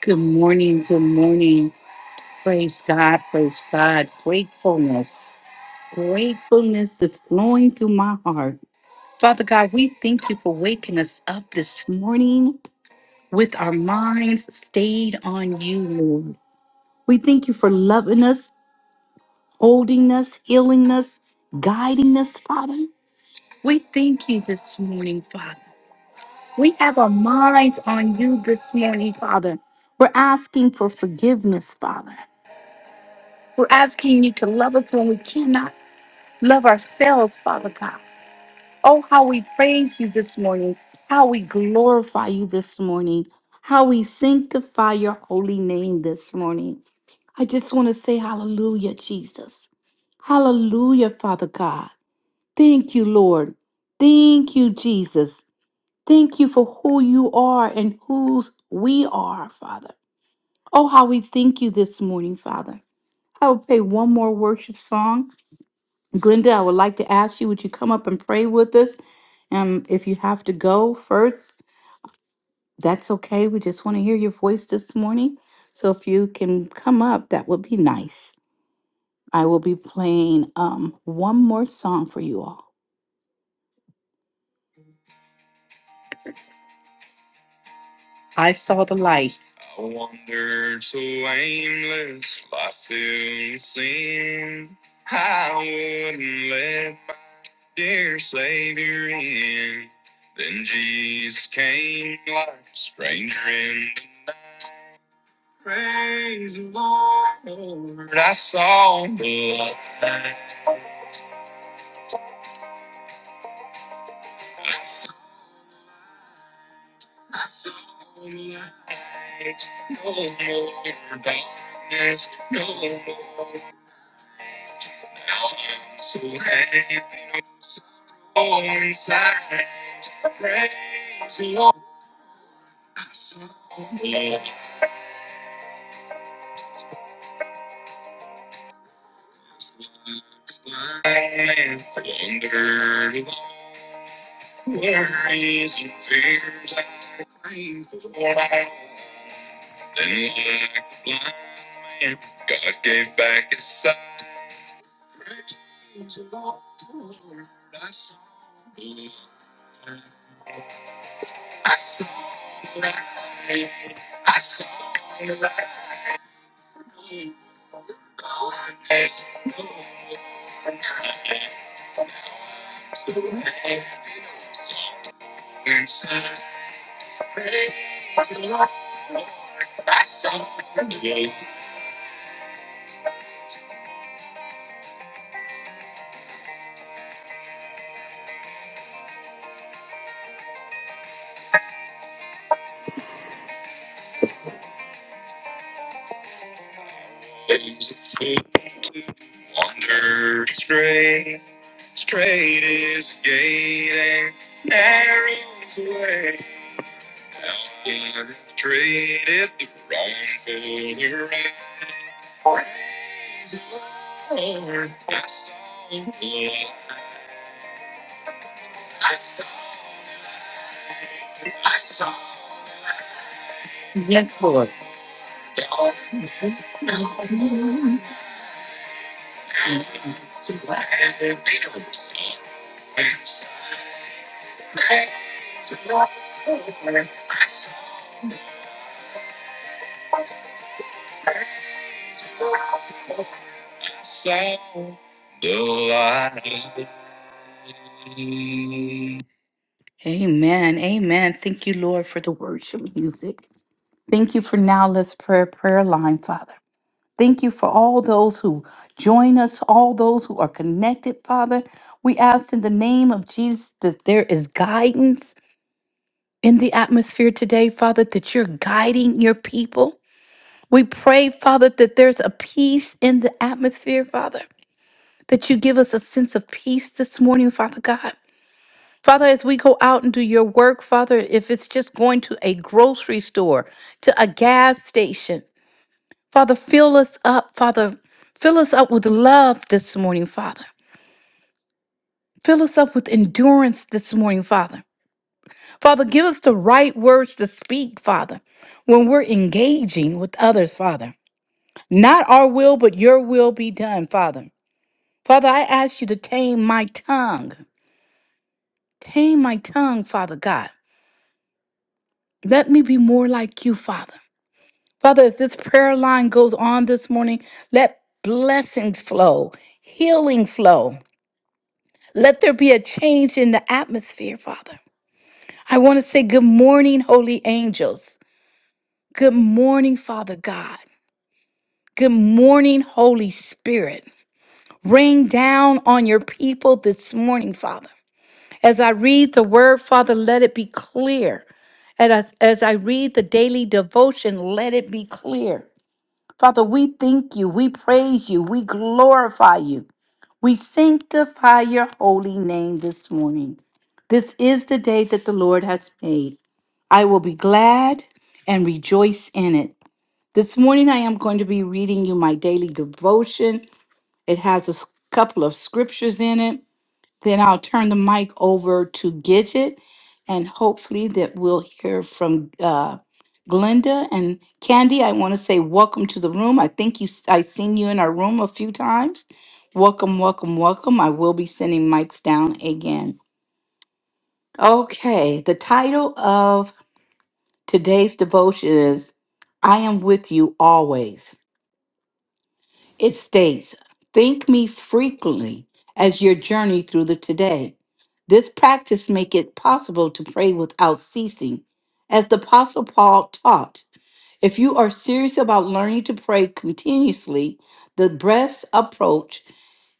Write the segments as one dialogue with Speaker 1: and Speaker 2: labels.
Speaker 1: Good morning. Good morning. Praise God. Praise God. Gratefulness. Gratefulness that's flowing through my heart. Father God, we thank you for waking us up this morning with our minds stayed on you, Lord. We thank you for loving us, holding us, healing us, guiding us, Father. We thank you this morning, Father. We have our minds on you this morning, Father. We're asking for forgiveness, Father. We're asking you to love us when we cannot love ourselves, Father God. Oh, how we praise you this morning, how we glorify you this morning, how we sanctify your holy name this morning. I just want to say hallelujah, Jesus. Hallelujah, Father God. Thank you, Lord. Thank you, Jesus. Thank you for who you are and whose we are, Father. Oh, how we thank you this morning, Father. I will play one more worship song Glenda, I would like to ask you, would you come up and pray with us? Um, if you have to go first, that's okay. We just want to hear your voice this morning. So if you can come up, that would be nice. I will be playing um one more song for you all. Amen. Amen. Thank you, Lord, for the worship music. Thank you for now. Let's prayer prayer line, Father. Thank you for all those who join us, all those who are connected, Father. We ask in the name of Jesus that there is guidance in the atmosphere today, Father, that you're guiding your people. We pray, Father, that there's a peace in the atmosphere, Father, that you give us a sense of peace this morning, Father God. Father, as we go out and do your work, Father, if it's just going to a grocery store, to a gas station, Father, fill us up, Father. Fill us up with love this morning, Father. Fill us up with endurance this morning, Father. Father, give us the right words to speak, Father, when we're engaging with others, Father. Not our will, but your will be done, Father. Father, I ask you to tame my tongue. Tame my tongue, Father God. Let me be more like you, Father. Father, as this prayer line goes on this morning, let blessings flow, healing flow. Let there be a change in the atmosphere, Father. I want to say good morning, holy angels. Good morning, Father God. Good morning, Holy Spirit. Rain down on your people this morning, Father. As I read the word, Father, let it be clear. And as, as I read the daily devotion, let it be clear. Father, we thank you, we praise you, we glorify you. We sanctify your holy name this morning. This is the day that the Lord has made. I will be glad and rejoice in it. This morning, I am going to be reading you my daily devotion. It has a s- couple of scriptures in it. Then I'll turn the mic over to Gidget, and hopefully, that we'll hear from uh, Glenda and Candy. I want to say welcome to the room. I think you, s- I seen you in our room a few times. Welcome, welcome, welcome. I will be sending mics down again. Okay, the title of today's devotion is "I am with you always." It states, Think me frequently as your journey through the today. This practice make it possible to pray without ceasing. As the Apostle Paul taught, if you are serious about learning to pray continuously, the best approach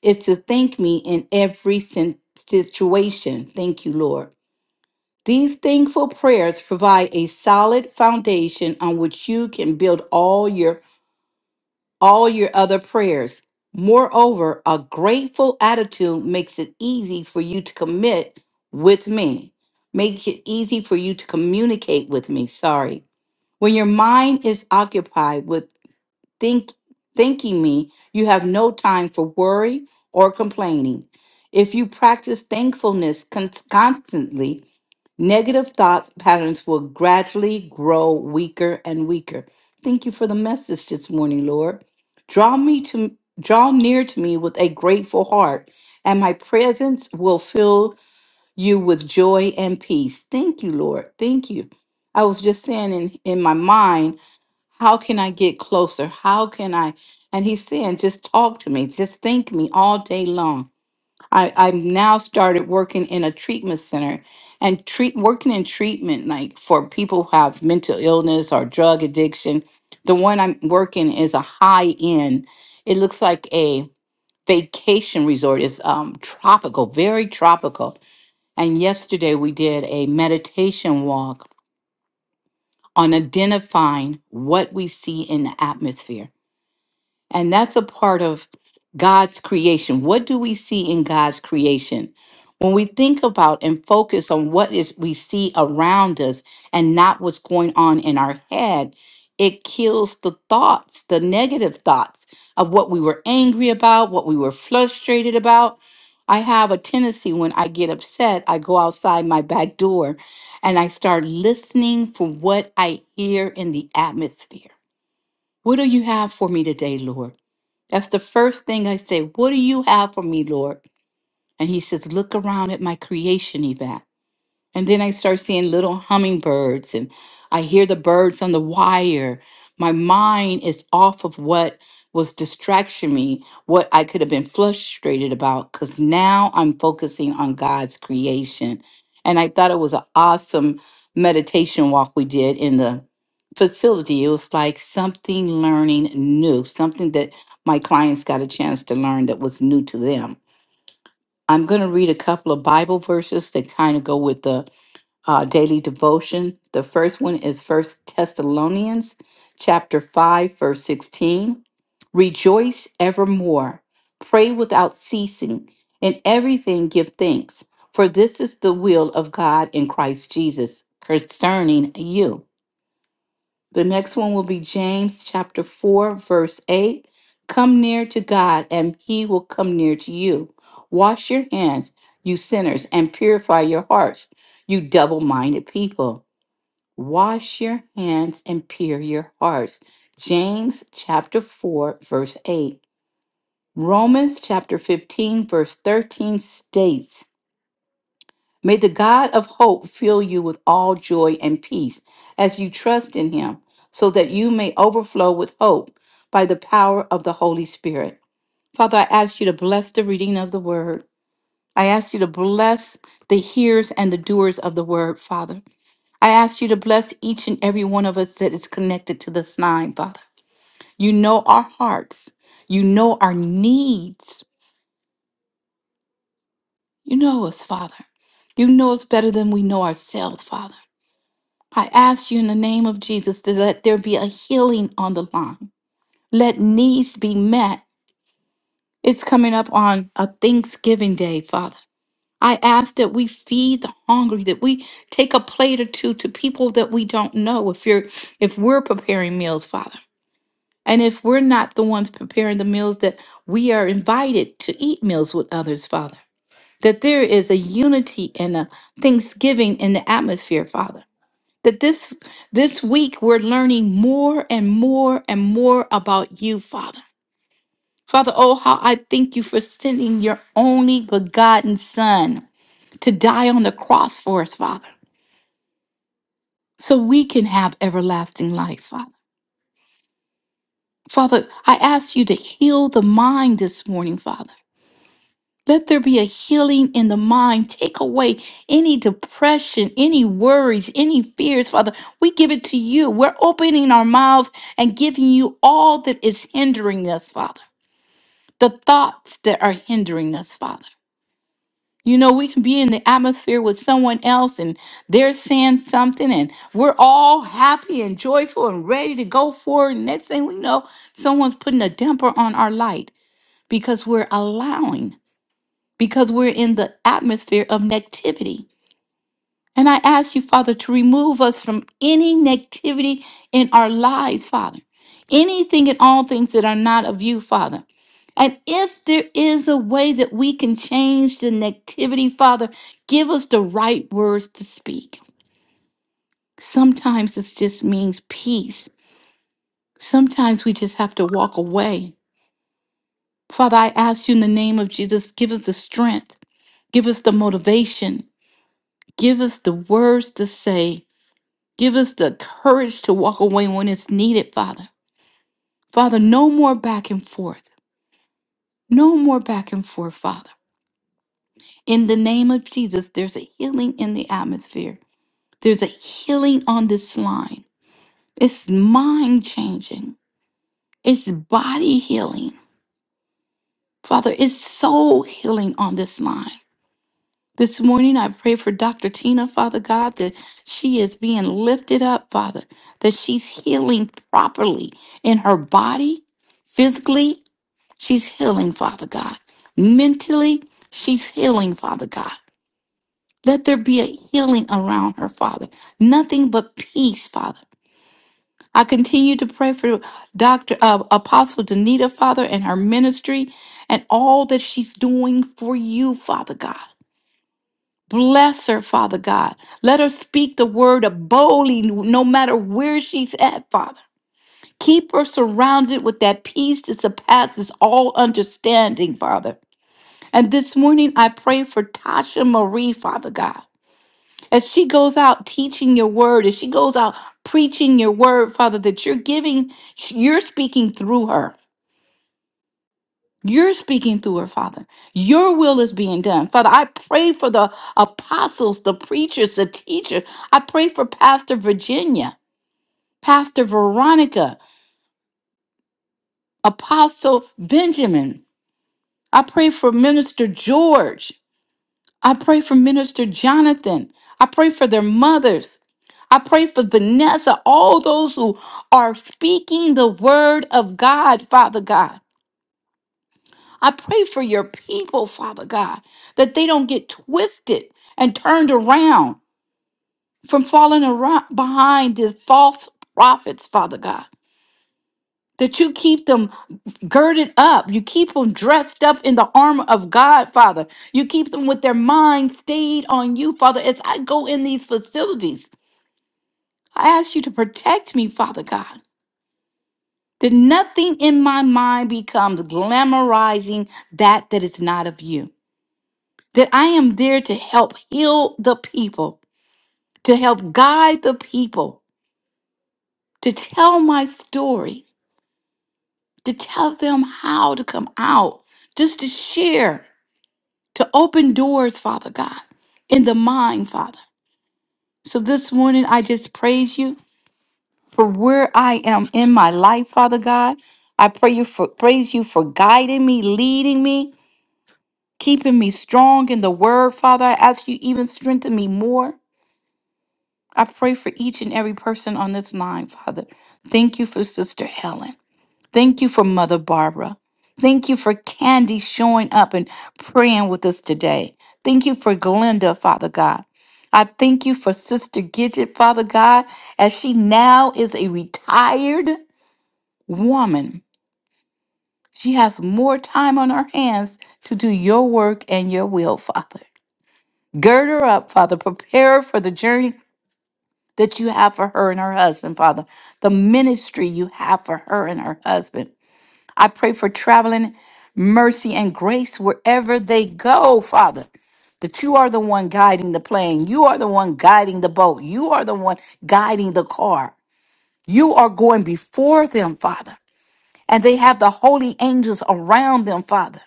Speaker 1: is to thank me in every sin- situation. Thank you, Lord. These thankful prayers provide a solid foundation on which you can build all your all your other prayers. Moreover, a grateful attitude makes it easy for you to commit with me. Make it easy for you to communicate with me. Sorry. When your mind is occupied with think thanking me you have no time for worry or complaining if you practice thankfulness con- constantly negative thoughts patterns will gradually grow weaker and weaker thank you for the message this morning lord draw me to draw near to me with a grateful heart and my presence will fill you with joy and peace thank you lord thank you i was just saying in, in my mind how can I get closer? How can I? And he's saying, just talk to me, just think me all day long. I, I've now started working in a treatment center and treat working in treatment like for people who have mental illness or drug addiction. The one I'm working is a high end. It looks like a vacation resort. It's um, tropical, very tropical. And yesterday we did a meditation walk on identifying what we see in the atmosphere And that's a part of God's creation. What do we see in God's creation? When we think about and focus on what is we see around us and not what's going on in our head, it kills the thoughts, the negative thoughts of what we were angry about, what we were frustrated about. I have a tendency when I get upset, I go outside my back door and I start listening for what I hear in the atmosphere. What do you have for me today, Lord? That's the first thing I say. What do you have for me, Lord? And he says, Look around at my creation, Yvette. And then I start seeing little hummingbirds and I hear the birds on the wire. My mind is off of what was distraction me, what I could have been frustrated about, because now I'm focusing on God's creation. And I thought it was an awesome meditation walk we did in the facility. It was like something learning new, something that my clients got a chance to learn that was new to them. I'm going to read a couple of Bible verses that kind of go with the uh, daily devotion. The first one is First Thessalonians chapter 5, verse 16. Rejoice evermore, pray without ceasing, in everything give thanks, for this is the will of God in Christ Jesus concerning you. The next one will be James chapter 4, verse 8. Come near to God, and he will come near to you. Wash your hands, you sinners, and purify your hearts, you double minded people. Wash your hands and pure your hearts. James chapter 4, verse 8. Romans chapter 15, verse 13 states, May the God of hope fill you with all joy and peace as you trust in him, so that you may overflow with hope by the power of the Holy Spirit. Father, I ask you to bless the reading of the word. I ask you to bless the hearers and the doers of the word, Father. I ask you to bless each and every one of us that is connected to this line, Father. You know our hearts. You know our needs. You know us, Father. You know us better than we know ourselves, Father. I ask you in the name of Jesus to let there be a healing on the line. Let needs be met. It's coming up on a Thanksgiving day, Father. I ask that we feed the hungry, that we take a plate or two to people that we don't know. If you're if we're preparing meals, Father. And if we're not the ones preparing the meals that we are invited to eat meals with others, Father. That there is a unity and a thanksgiving in the atmosphere, Father that this this week we're learning more and more and more about you father father oh how i thank you for sending your only begotten son to die on the cross for us father so we can have everlasting life father father i ask you to heal the mind this morning father Let there be a healing in the mind. Take away any depression, any worries, any fears, Father. We give it to you. We're opening our mouths and giving you all that is hindering us, Father. The thoughts that are hindering us, Father. You know, we can be in the atmosphere with someone else and they're saying something, and we're all happy and joyful and ready to go forward. Next thing we know, someone's putting a damper on our light because we're allowing because we're in the atmosphere of negativity. And I ask you, Father, to remove us from any negativity in our lives, Father. Anything and all things that are not of you, Father. And if there is a way that we can change the negativity, Father, give us the right words to speak. Sometimes this just means peace. Sometimes we just have to walk away. Father, I ask you in the name of Jesus, give us the strength, give us the motivation, Give us the words to say. Give us the courage to walk away when it's needed, Father. Father, no more back and forth. No more back and forth, Father. In the name of Jesus, there's a healing in the atmosphere. There's a healing on this line. It's mind changing, it's body healing. Father, it's soul healing on this line. This morning, I pray for Dr. Tina, Father God, that she is being lifted up, Father, that she's healing properly in her body, physically, she's healing, Father God. Mentally, she's healing, Father God. Let there be a healing around her, Father. Nothing but peace, Father. I continue to pray for Dr. Uh, Apostle Danita, Father, and her ministry and all that she's doing for you, Father God. Bless her, Father God. Let her speak the word of boldly no matter where she's at, Father. Keep her surrounded with that peace that surpasses all understanding, Father. And this morning I pray for Tasha Marie, Father God. As she goes out teaching your word, as she goes out preaching your word, Father, that you're giving, you're speaking through her. You're speaking through her, Father. Your will is being done. Father, I pray for the apostles, the preachers, the teachers. I pray for Pastor Virginia, Pastor Veronica, Apostle Benjamin. I pray for Minister George. I pray for Minister Jonathan. I pray for their mothers. I pray for Vanessa, all those who are speaking the word of God, Father God. I pray for your people, Father God, that they don't get twisted and turned around from falling around behind the false prophets, Father God. That you keep them girded up. You keep them dressed up in the armor of God, Father. You keep them with their mind stayed on you, Father. As I go in these facilities, I ask you to protect me, Father God. That nothing in my mind becomes glamorizing that that is not of you. that I am there to help heal the people, to help guide the people, to tell my story, to tell them how to come out, just to share, to open doors, Father God, in the mind, Father. So this morning, I just praise you for where I am in my life, Father God. I pray you for praise you for guiding me, leading me, keeping me strong in the word, Father. I ask you even strengthen me more I pray for each and every person on this line, Father. Thank you for Sister Helen. Thank you for Mother Barbara. Thank you for Candy showing up and praying with us today. Thank you for Glenda, Father God. I thank you for Sister Gidget, Father God, as she now is a retired woman. She has more time on her hands to do your work and your will, Father. Gird her up, Father. Prepare her for the journey that you have for her and her husband, Father, the ministry you have for her and her husband. I pray for traveling mercy and grace wherever they go, Father. That you are the one guiding the plane. You are the one guiding the boat. You are the one guiding the car. You are going before them, Father. And they have the holy angels around them, Father.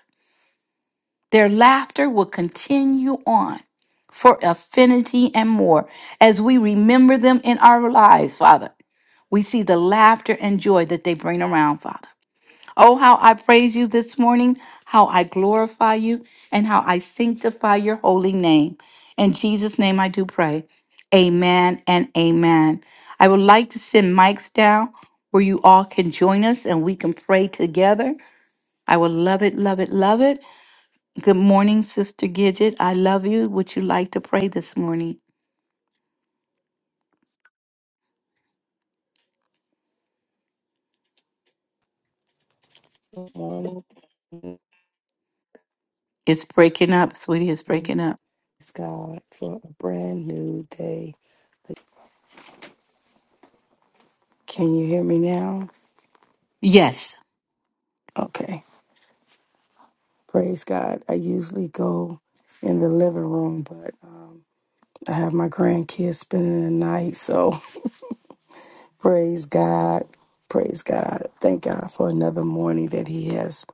Speaker 1: Their laughter will continue on for affinity and more as we remember them in our lives, Father. We see the laughter and joy that they bring around, Father. Oh, how I praise you this morning, how I glorify you, and how I sanctify your holy name. In Jesus' name I do pray. Amen and amen. I would like to send mics down where you all can join us and we can pray together. I would love it, love it, love it. Good morning, Sister Gidget. I love you. Would you like to pray this morning?
Speaker 2: morning.
Speaker 1: It's breaking up, sweetie. It's
Speaker 2: Praise
Speaker 1: breaking up.
Speaker 2: God for a brand new day. Can you hear me now?
Speaker 1: Yes.
Speaker 2: Okay. Praise God. I usually go in the living room, but um, I have my grandkids spending the night. So praise God. Praise God. Thank God for another morning that He has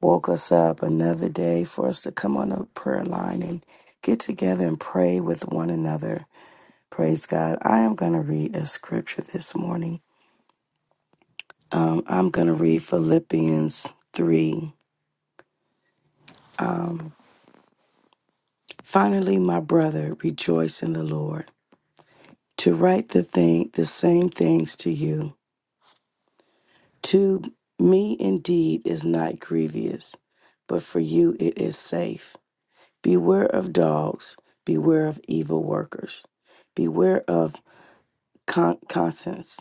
Speaker 2: woke us up, another day for us to come on a prayer line and get together and pray with one another. Praise God. I am going to read a scripture this morning Um, I'm going to read Philippians 3. Um, Finally, my brother, rejoice in the Lord. To write the thing, the same things to you, to me indeed is not grievous, but for you it is safe. Beware of dogs. Beware of evil workers. Beware of con- conscience.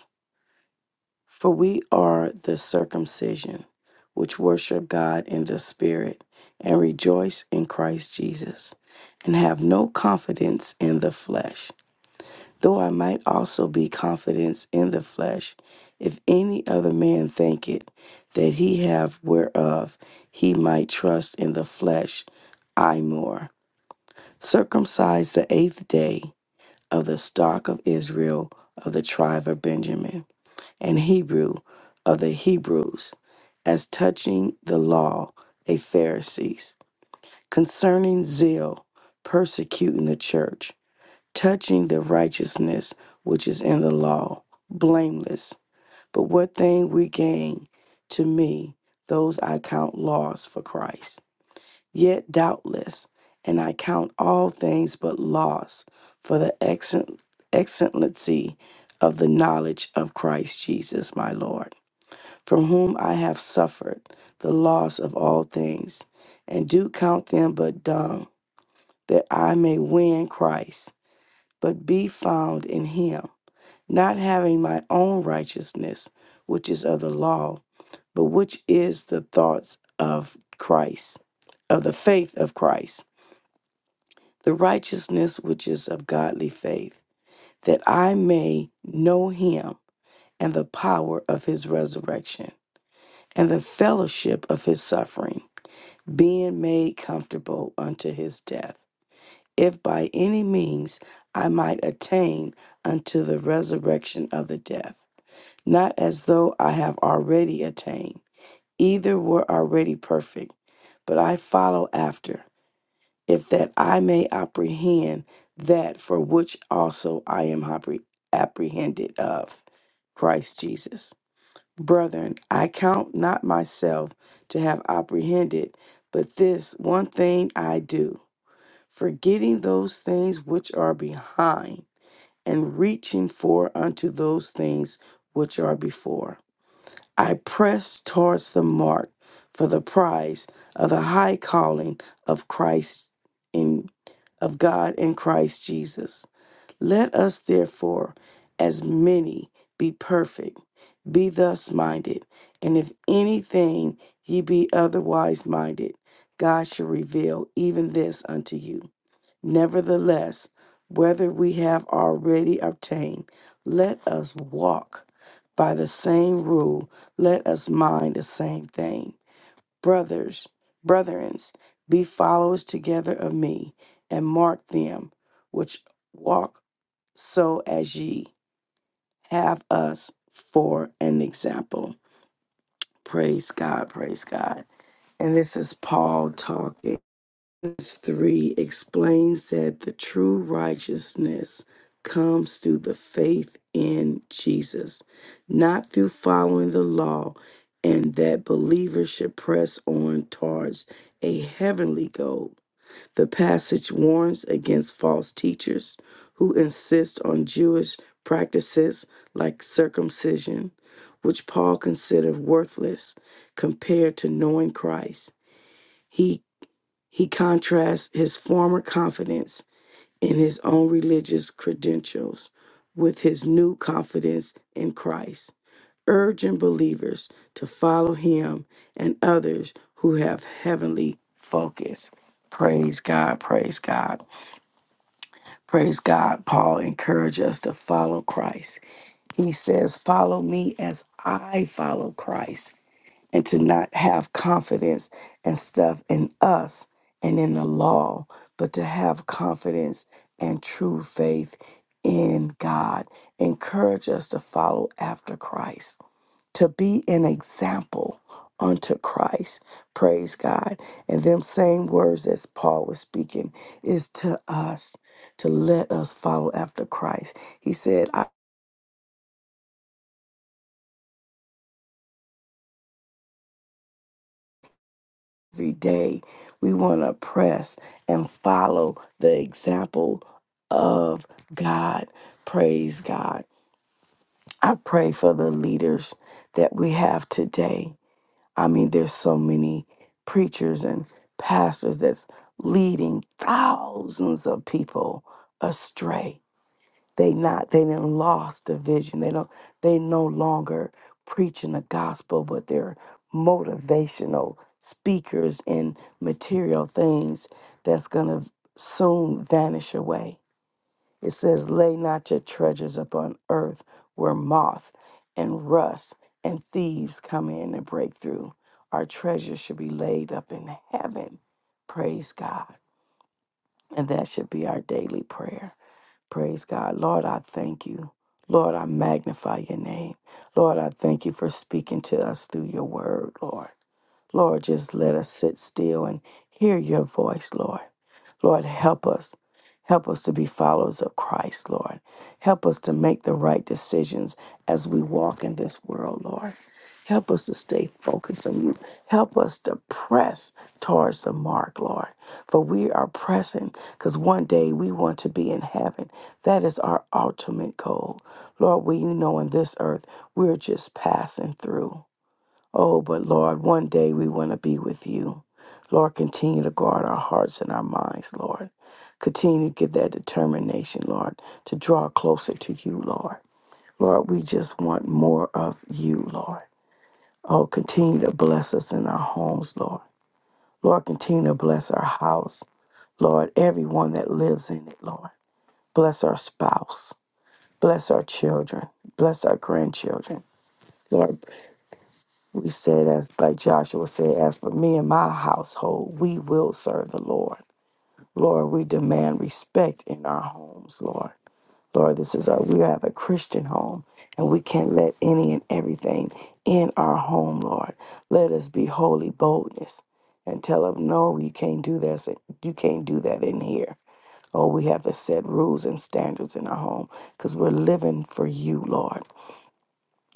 Speaker 2: For we are the circumcision, which worship God in the Spirit, and rejoice in Christ Jesus, and have no confidence in the flesh. Though I might also be confidence in the flesh, if any other man think it, that he have whereof he might trust in the flesh, I more. Circumcised the eighth day of the stock of Israel of the tribe of Benjamin and Hebrew of the Hebrews, as touching the law, a Pharisees, concerning zeal, persecuting the church, touching the righteousness which is in the law, blameless. But what thing we gain to me, those I count loss for Christ. Yet doubtless, and I count all things but loss for the excellent, excellency of the knowledge of Christ Jesus my Lord from whom I have suffered the loss of all things, and do count them but dung, that I may win Christ, but be found in him, not having my own righteousness, which is of the law, but which is the thoughts of Christ, of the faith of Christ, the righteousness which is of godly faith, that I may know him and the power of his resurrection, and the fellowship of his suffering. being made comfortable unto his death, if by any means I might attain unto the resurrection of the death, not as though I have already attained, either were already perfect, but I follow after, if that I may apprehend that for which also I am appre- apprehended of Christ Jesus. Brethren, I count not myself to have apprehended, but this one thing I do, forgetting those things which are behind, and reaching for unto those things which are before. I press towards the mark for the prize of the high calling of Christ in of God in Christ Jesus. Let us therefore, as many, be perfect, be thus minded. And if anything ye be otherwise minded, God shall reveal even this unto you. Nevertheless, whether we have already obtained, let us walk by the same rule, let us mind the same thing. Brothers, brethrens, be followers together of me, and mark them which walk so as ye have us for an example. Praise God, praise God. And this is Paul talking. Verse 3 explains that the true righteousness comes through the faith in Jesus, not through following the law, and that believers should press on towards a heavenly goal the passage warns against false teachers who insist on Jewish practices like circumcision, which Paul considered worthless compared to knowing Christ. He he contrasts his former confidence in his own religious credentials with his new confidence in Christ, urging believers to follow him and others who have heavenly focus. Praise God, praise God. Praise God. Paul encouraged us to follow Christ. He says, Follow me as I follow Christ, and to not have confidence and stuff in us and in the law, but to have confidence and true faith in God. Encourage us to follow after Christ to be an example unto Christ. Praise God. And them same words as Paul was speaking is to us to let us follow after Christ. He said, "I- every day we want to press and follow the example of God. Praise God. I pray for the leaders that we have today. I mean, there's so many preachers and pastors that's leading thousands of people astray. They not they didn't lost the vision. They don't they no longer preaching the gospel, but they're motivational speakers and material things that's gonna soon vanish away. It says, Lay not your treasures upon earth where moth and rust and thieves come in and break through. Our treasures should be laid up in heaven. Praise God. And that should be our daily prayer. Praise God. Lord, I thank you. Lord, I magnify your name. Lord, I thank you for speaking to us through your word, Lord. Lord, just let us sit still and hear your voice, Lord. Lord, help us. Help us to be followers of Christ, Lord. Help us to make the right decisions as we walk in this world, Lord. Help us to stay focused on you. Help us to press towards the mark, Lord. For we are pressing because one day we want to be in heaven. That is our ultimate goal. Lord, we you know in this earth, we're just passing through. Oh, but Lord, one day we want to be with you. Lord, continue to guard our hearts and our minds, Lord. Continue to give that determination, Lord, to draw closer to you, Lord. Lord, we just want more of you, Lord. Oh, continue to bless us in our homes, Lord. Lord, continue to bless our house. Lord, everyone that lives in it, Lord. Bless our spouse. Bless our children. Bless our grandchildren. Lord, We said, as like Joshua said, as for me and my household, we will serve the Lord. Lord, we demand respect in our homes, Lord. Lord, this is our, we have a Christian home, and we can't let any and everything in our home, Lord. Let us be holy boldness and tell them, no, you can't do this. You can't do that in here. Oh, we have to set rules and standards in our home because we're living for you, Lord.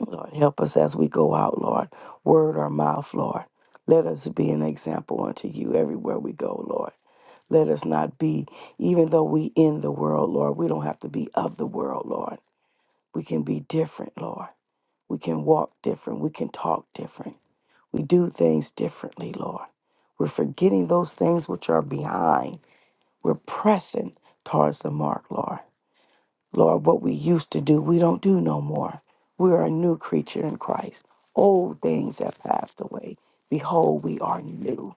Speaker 2: Lord, help us as we go out, Lord. Word our mouth, Lord. Let us be an example unto you everywhere we go, Lord. Let us not be, even though we in the world, Lord, we don't have to be of the world, Lord. We can be different, Lord. We can walk different. We can talk different. We do things differently, Lord. We're forgetting those things which are behind. We're pressing towards the mark, Lord. Lord, what we used to do, we don't do no more. We are a new creature in Christ. Old things have passed away. Behold, we are new.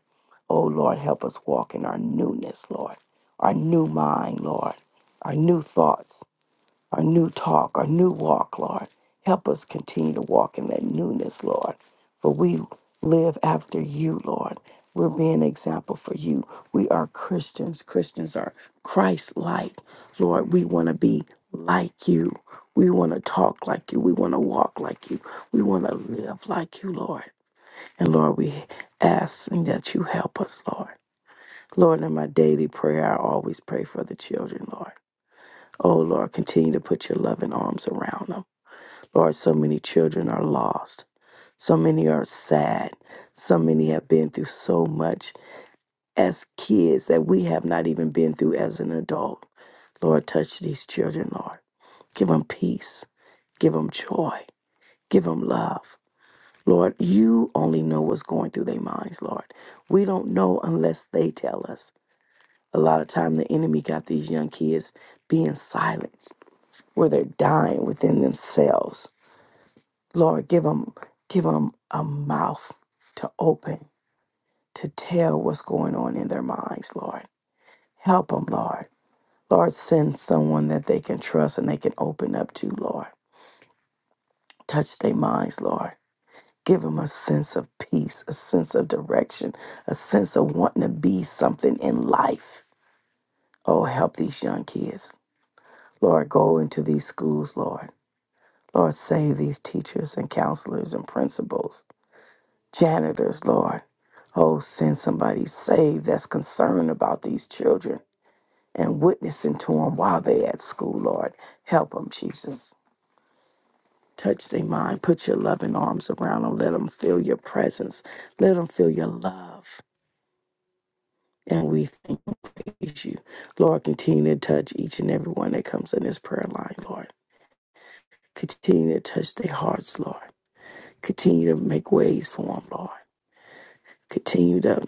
Speaker 2: Oh, Lord, help us walk in our newness, Lord, our new mind, Lord, our new thoughts our new talk, our new walk, Lord. Help us continue to walk in that newness, Lord. For we live after you, Lord. We're being an example for you. We are Christians. Christians are Christ like. Lord, we want to be like you. We want to talk like you. We want to walk like you. We want to live like you, Lord. And Lord, we ask that you help us, Lord. Lord, in my daily prayer, I always pray for the children, Lord. Oh Lord, continue to put your loving arms around them. Lord, so many children are lost. So many are sad. So many have been through so much as kids that we have not even been through as an adult. Lord, touch these children, Lord. Give them peace. Give them joy. Give them love. Lord, you only know what's going through their minds, Lord. We don't know unless they tell us. A lot of time the enemy got these young kids being silenced, where they're dying within themselves Lord, give them, give them a mouth to open, to tell what's going on in their minds, Lord. Help them, Lord. Lord, send someone that they can trust and they can open up to, Lord. Touch their minds, Lord. Give them a sense of peace, a sense of direction, a sense of wanting to be something in life. Oh, help these young kids. Lord, go into these schools, Lord. Lord, save these teachers and counselors and principals. janitors, Lord. Oh, send somebody saved that's concerned about these children and witnessing to them while they at school, Lord. Help them, Jesus. Touch their mind. Put your loving arms around them. Let them feel your presence. Let them feel your love. And we thank and praise you. Lord, continue to touch each and every one that comes in this prayer line, Lord. Continue to touch their hearts, Lord. Continue to make ways for them, Lord. Continue to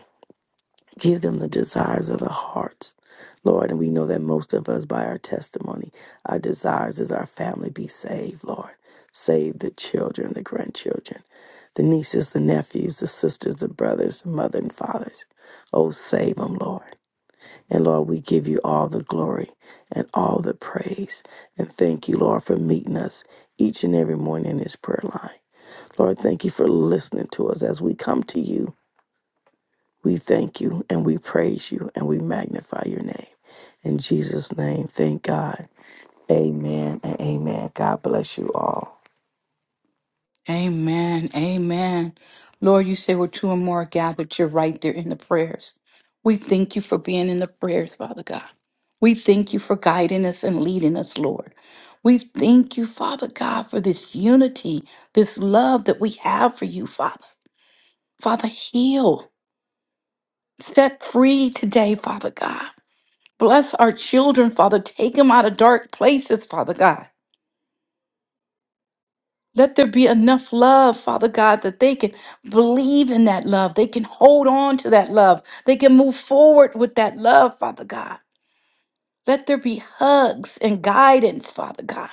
Speaker 2: Give them the desires of the heart, Lord. And we know that most of us, by our testimony, our desires is our family be saved, Lord. Save the children, the grandchildren, the nieces, the nephews, the sisters, the brothers, the mother and fathers. Oh, save them, Lord. And Lord, we give you all the glory and all the praise. And thank you, Lord, for meeting us each and every morning in this prayer line. Lord, thank you for listening to us as we come to you we thank you and we praise you and we magnify your name. In Jesus' name, thank God. Amen and amen. God bless you all.
Speaker 1: Amen. Amen. Lord, you say where two or more are gathered, you're right there in the prayers. We thank you for being in the prayers, Father God. We thank you for guiding us and leading us, Lord. We thank you, Father God, for this unity, this love that we have for you, Father. Father, heal, set free today, Father God. Bless our children, Father. Take them out of dark places, Father God. Let there be enough love, Father God, that they can believe in that love. They can hold on to that love. They can move forward with that love, Father God. Let there be hugs and guidance, Father God.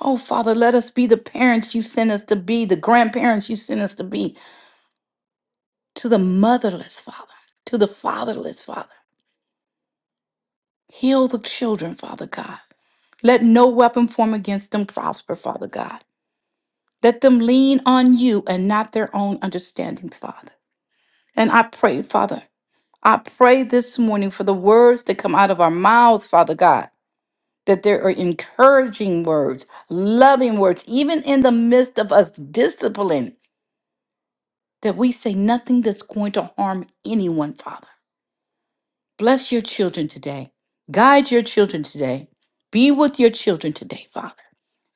Speaker 1: Oh, Father, let us be the parents you sent us to be, the grandparents you sent us to be, to the motherless, Father, to the fatherless, Father. Heal the children, Father God. Let no weapon form against them prosper, Father God. Let them lean on you and not their own understandings, Father. And I pray, Father, I pray this morning for the words that come out of our mouths, Father God, that there are encouraging words, loving words, even in the midst of us discipline, that we say nothing that's going to harm anyone, Father. Bless your children today. Guide your children today. Be with your children today, Father.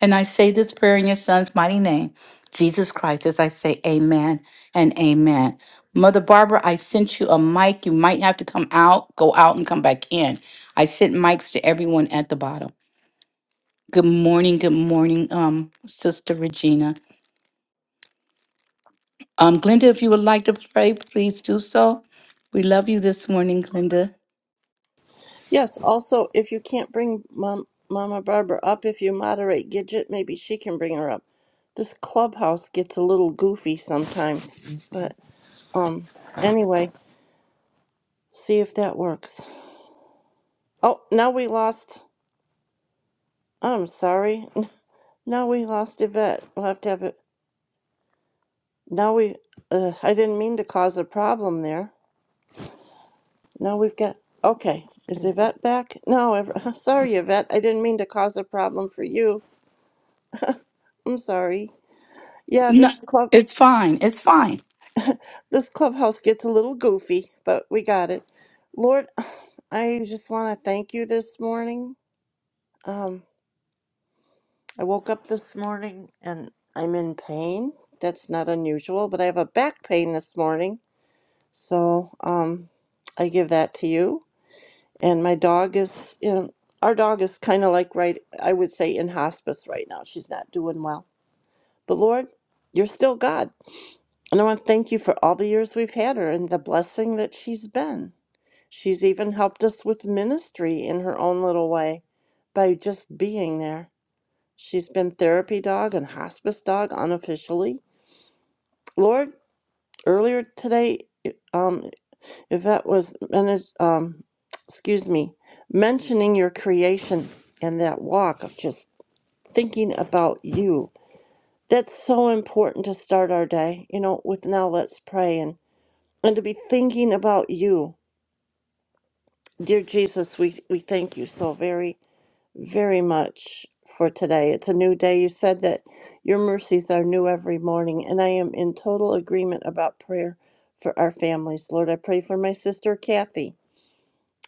Speaker 1: And I say this prayer in your son's mighty name, Jesus Christ, as I say amen and amen. Mother Barbara, I sent you a mic. You might have to come out, go out, and come back in. I sent mics to everyone at the bottom. Good morning, good morning, um, Sister Regina. Um, Glenda, if you would like to pray, please do so. We love you this morning, Glenda.
Speaker 3: Yes, also, if you can't bring Mom, Mama Barbara up, if you moderate Gidget, maybe she can bring her up. This clubhouse gets a little goofy sometimes, but um, anyway, see if that works. Oh, now we lost. I'm sorry. N- Now we lost Yvette. We'll have to have it. Now we. Uh, I didn't mean to cause a problem there. Now we've got. Okay, is Yvette back? No, ever, sorry, Yvette. I didn't mean to cause a problem for you. I'm sorry. Yeah,
Speaker 1: No,
Speaker 3: this club.
Speaker 1: it's fine. It's fine.
Speaker 3: This clubhouse gets a little goofy, but we got it. Lord, I just want to thank you this morning. Um, I woke up this morning and I'm in pain. That's not unusual, but I have a back pain this morning. So um, I give that to you. And my dog is, you know, our dog is kind of like right, I would say in hospice right now. She's not doing well. But Lord, you're still God. And I want to thank you for all the years we've had her and the blessing that she's been. She's even helped us with ministry in her own little way by just being there. She's been therapy dog and hospice dog unofficially. Lord, earlier today, um, Yvette was, menis- um, excuse me, mentioning your creation and that walk of just thinking about you. That's so important to start our day, you know, with now let's pray and, and to be thinking about you. Dear Jesus, we, we thank you so very very much for today. It's a new day. You said that your mercies are new every morning, and I am in total agreement about prayer for our families. Lord, I pray for my sister Kathy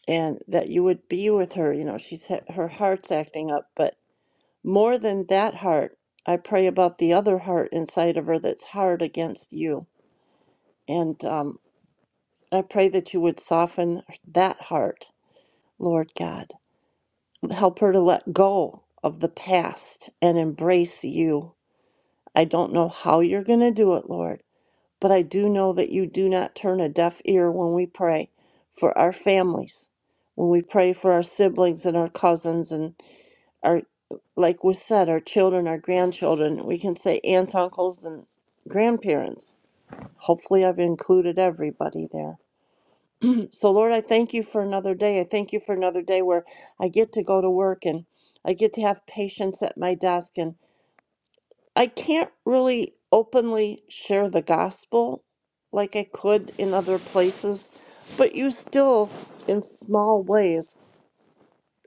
Speaker 3: and that you would be with her. You know, she's ha- her heart's acting up, but more than that heart, I pray about the other heart inside of her that's hard against you. And um, I pray that you would soften that heart, Lord God. Help her to let go of the past and embrace you I don't know how you're going to do it, Lord, but I do know that you do not turn a deaf ear when we pray for our families, when we pray for our siblings and our cousins and our, like was said, our children, our grandchildren. We can say aunts, uncles, and grandparents. Hopefully, I've included everybody there. So, Lord, I thank you for another day. I thank you for another day where I get to go to work and I get to have patience at my desk and. I can't really openly share the gospel like I could in other places, but you still, in small ways,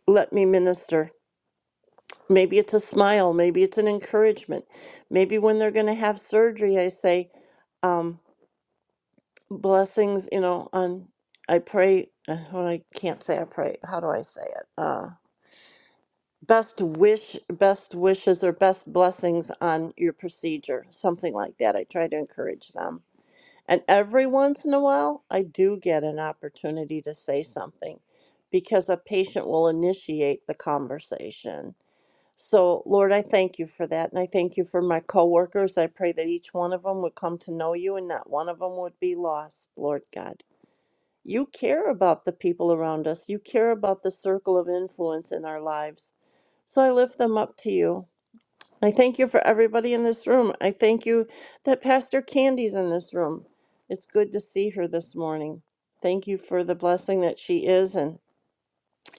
Speaker 3: let me minister. Maybe it's a smile, maybe it's an encouragement. Maybe when they're going to have surgery, I say, um, blessings, you know, on, I pray, uh, well, I can't say I pray. How do I say it? Uh, best wish, best wishes or best blessings on your procedure, something like that. I try to encourage them And every once in a while, I do get an opportunity to say something because a patient will initiate the conversation. So, Lord, I thank you for that. And I thank you for my coworkers. I pray that each one of them would come to know you and not one of them would be lost, Lord God. You care about the people around us, you care about the circle of influence in our lives. So I lift them up to you. I thank you for everybody in this room. I thank you that Pastor Candy's in this room. It's good to see her this morning. Thank you for the blessing that she is and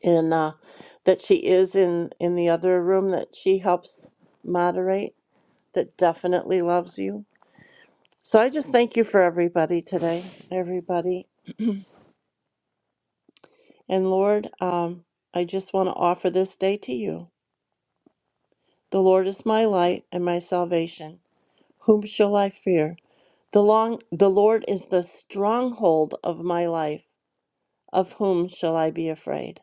Speaker 3: and uh, that she is in in the other room that she helps moderate. That definitely loves you. So I just thank you for everybody today, everybody. And Lord, um, I just want to offer this day to you. The Lord is my light and my salvation. Whom shall I fear? The long the Lord is the stronghold of my life. Of whom shall I be afraid?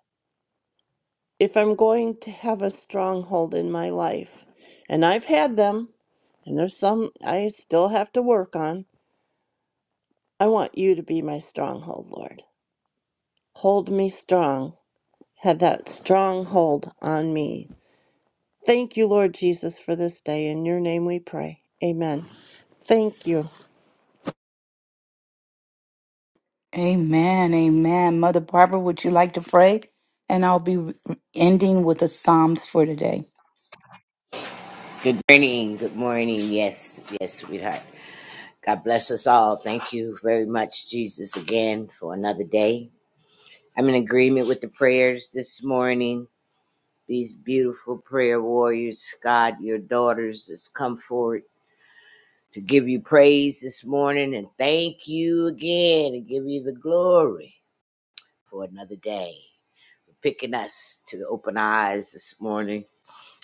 Speaker 3: If I'm going to have a stronghold in my life, and I've had them, and there's some I still have to work on, I want you to be my stronghold, Lord. Hold me strong. Have that stronghold on me. Thank you, Lord Jesus, for this day. In your name we pray. Amen. Thank you.
Speaker 1: Amen. Amen. Mother Barbara, would you like to pray? And I'll be ending with the Psalms for today.
Speaker 4: Good morning. Good morning. Yes, yes, sweetheart. God bless us all. Thank you very much, Jesus, again for another day. I'm in agreement with the prayers this morning. These beautiful prayer warriors, God, your daughters, has come forward to give you praise this morning and thank you again and give you the glory for another day. Picking us to open our eyes this morning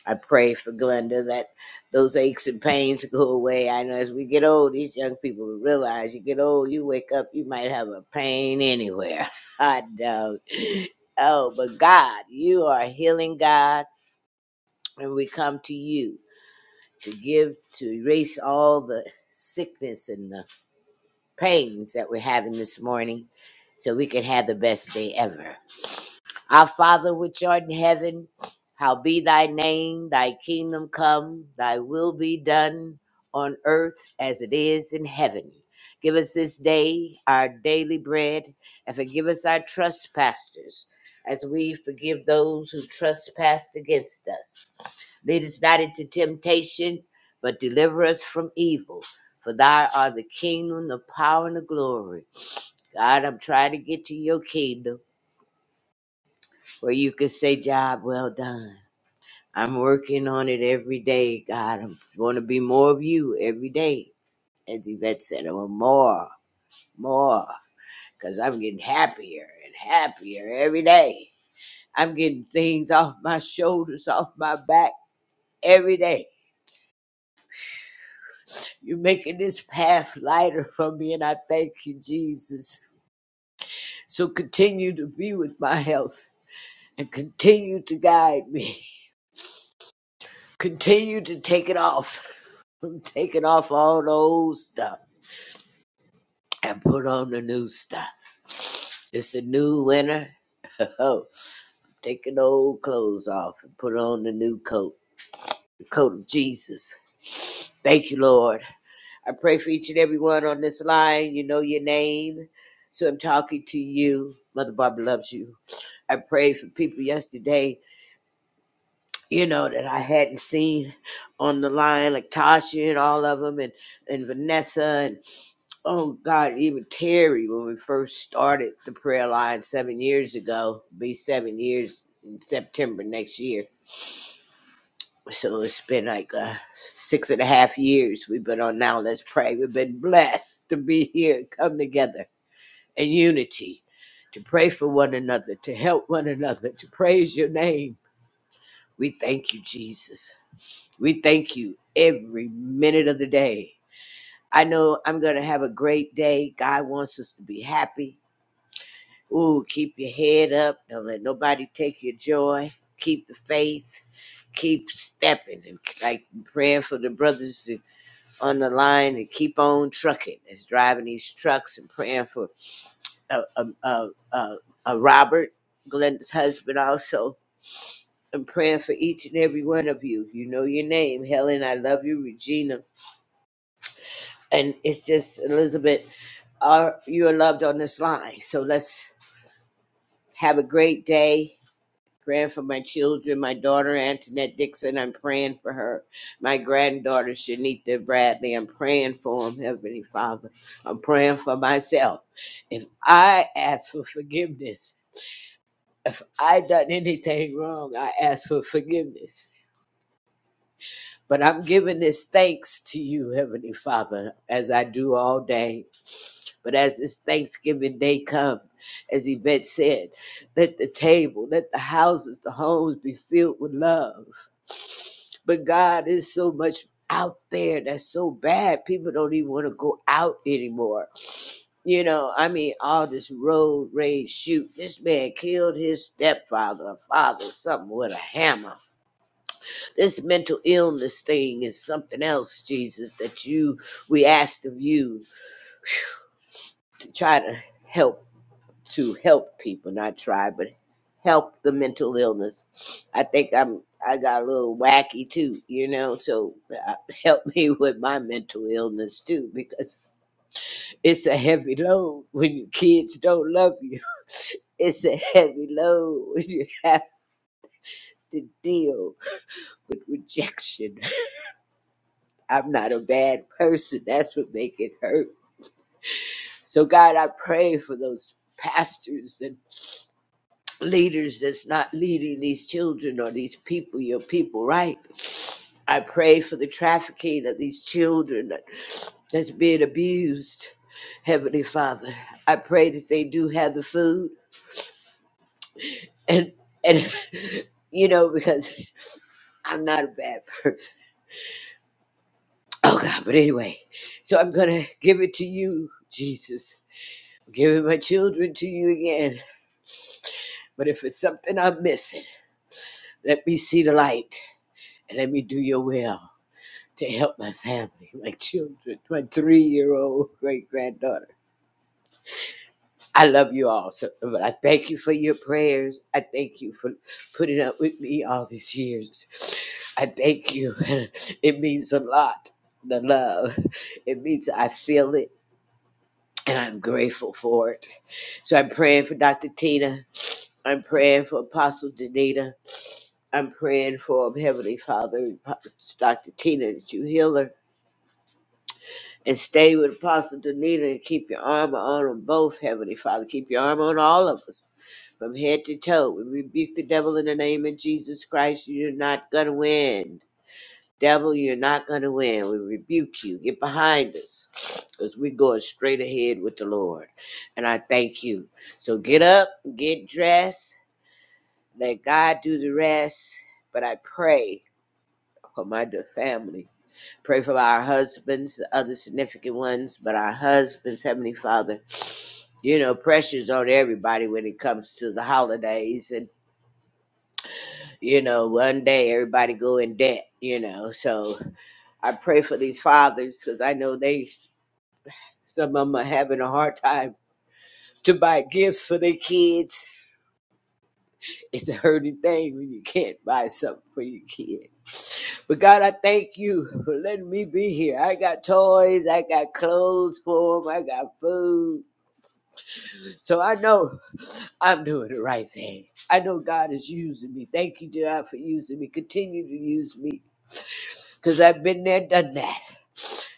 Speaker 4: I pray for Glenda that those aches and pains go away. I know as we get old, these young people realize you get old, you wake up, you might have a pain anywhere. I don't. Oh, but God, you are a healing God, and we come to you to give, to erase all the sickness and the pains that we're having this morning so we can have the best day ever. Our Father which art in heaven, how be thy name, thy kingdom come, thy will be done on earth as it is in heaven. Give us this day our daily bread, and forgive us our trespasses, as we forgive those who trespass against us. Lead us not into temptation, but deliver us from evil. For thy art the kingdom, the power, and the glory. God, I'm trying to get to your kingdom where you could say, Job well done. I'm working on it every day, God. I want to be more of you every day. As Yvette said, I want more, more, because I'm getting happier and happier every day. I'm getting things off my shoulders, off my back every day. You're making this path lighter for me, and I thank you, Jesus. So continue to be with my health and continue to guide me. Continue to take it off. from taking off all the old stuff and put on the new stuff. It's a new winter. Oh, take the old clothes off and put on the new coat, the coat of Jesus. Thank you, Lord. I pray for each and every one on this line. You know your name. So I'm talking to you. Mother Barbara loves you. I prayed for people yesterday, you know, that I hadn't seen on the line, like Tasha and all of them, and, and Vanessa. and. Oh God, even Terry, when we first started the prayer line seven years ago, be seven years in September next year. So it's been like uh, six and a half years we've been on Now Let's Pray. We've been blessed to be here, and come together in unity, to pray for one another, to help one another, to praise your name. We thank you, Jesus. We thank you every minute of the day. I know I'm going to have a great day. God wants us to be happy. Ooh, keep your head up. Don't let nobody take your joy. Keep the faith. Keep stepping and like praying for the brothers to- on the line and keep on trucking. That's driving these trucks and praying for uh, uh, uh, uh, uh, Robert, Glenda's husband, also. And praying for each and every one of you. You know your name, Helen. I love you, Regina. And it's just Elizabeth. Are you are loved on this line? So let's have a great day praying for my children, my daughter Antoinette Dixon. I'm praying for her. My granddaughter Shanita Bradley. I'm praying for them, Heavenly Father. I'm praying for myself. If I ask for forgiveness, if I done anything wrong, I ask for forgiveness. But I'm giving this thanks to you, Heavenly Father, as I do all day. But as this Thanksgiving day come, as Yvette said, let the table, let the houses, the homes be filled with love. But God is so much out there that's so bad. People don't even want to go out anymore. You know, I mean, all this road rage shoot. This man killed his stepfather, or father, something with a hammer this mental illness thing is something else, Jesus, that you we asked of you to try to help to help people, not try, but help the mental illness. I think I'm I got a little wacky too, you know, so uh, help me with my mental illness too because it's a heavy load when your kids don't love you. It's a heavy load when you have to deal with rejection. I'm not a bad person. That's what make it hurt So, God, I pray for those pastors and leaders that's not leading these children or these people, your people, right? I pray for the trafficking of these children that- that's being abused, Heavenly Father. I pray that they do have the food and and you know because I'm not a bad person. Oh God, but anyway, so I'm gonna give it to you, Jesus. I'm giving my children to you again. But if it's something I'm missing. Let me see the light and let me do your will to help my family, my children, my three year old great granddaughter. I love you all, so, but I thank you for your prayers. I thank you for putting up with me all these years. I thank you. It means a lot, the love. It means I feel it and I'm grateful for it. So I'm praying for Dr. Tina. I'm praying for Apostle Danita. I'm praying for him, Heavenly Father, Dr. Tina, that you heal her and stay with Apostle Danita and keep your armor on them both, Heavenly Father. Keep your armor on all of us from head to toe. We rebuke the devil in the name of Jesus Christ. You're not going to win. Devil, you're not going to win. We rebuke you. Get behind us because we're going straight ahead with the Lord. And I thank you. So get up, get dressed, let God do the rest. But I pray. for my dear family. Pray for our husbands, the other significant ones, but our husbands, Heavenly Father. You know, pressures on everybody when it comes to the holidays, and you know, one day everybody go in debt. You know, so I pray for these fathers because I know they some of them are having a hard time to buy gifts for their kids. It's a hurting thing when you can't buy something for your kid But God, I thank you for letting me be here. I got toys, I got clothes for them, I got food. So I know I'm doing the right thing. I know God is using me. Thank you, God, for using me. Continue to use me because I've been there, done that.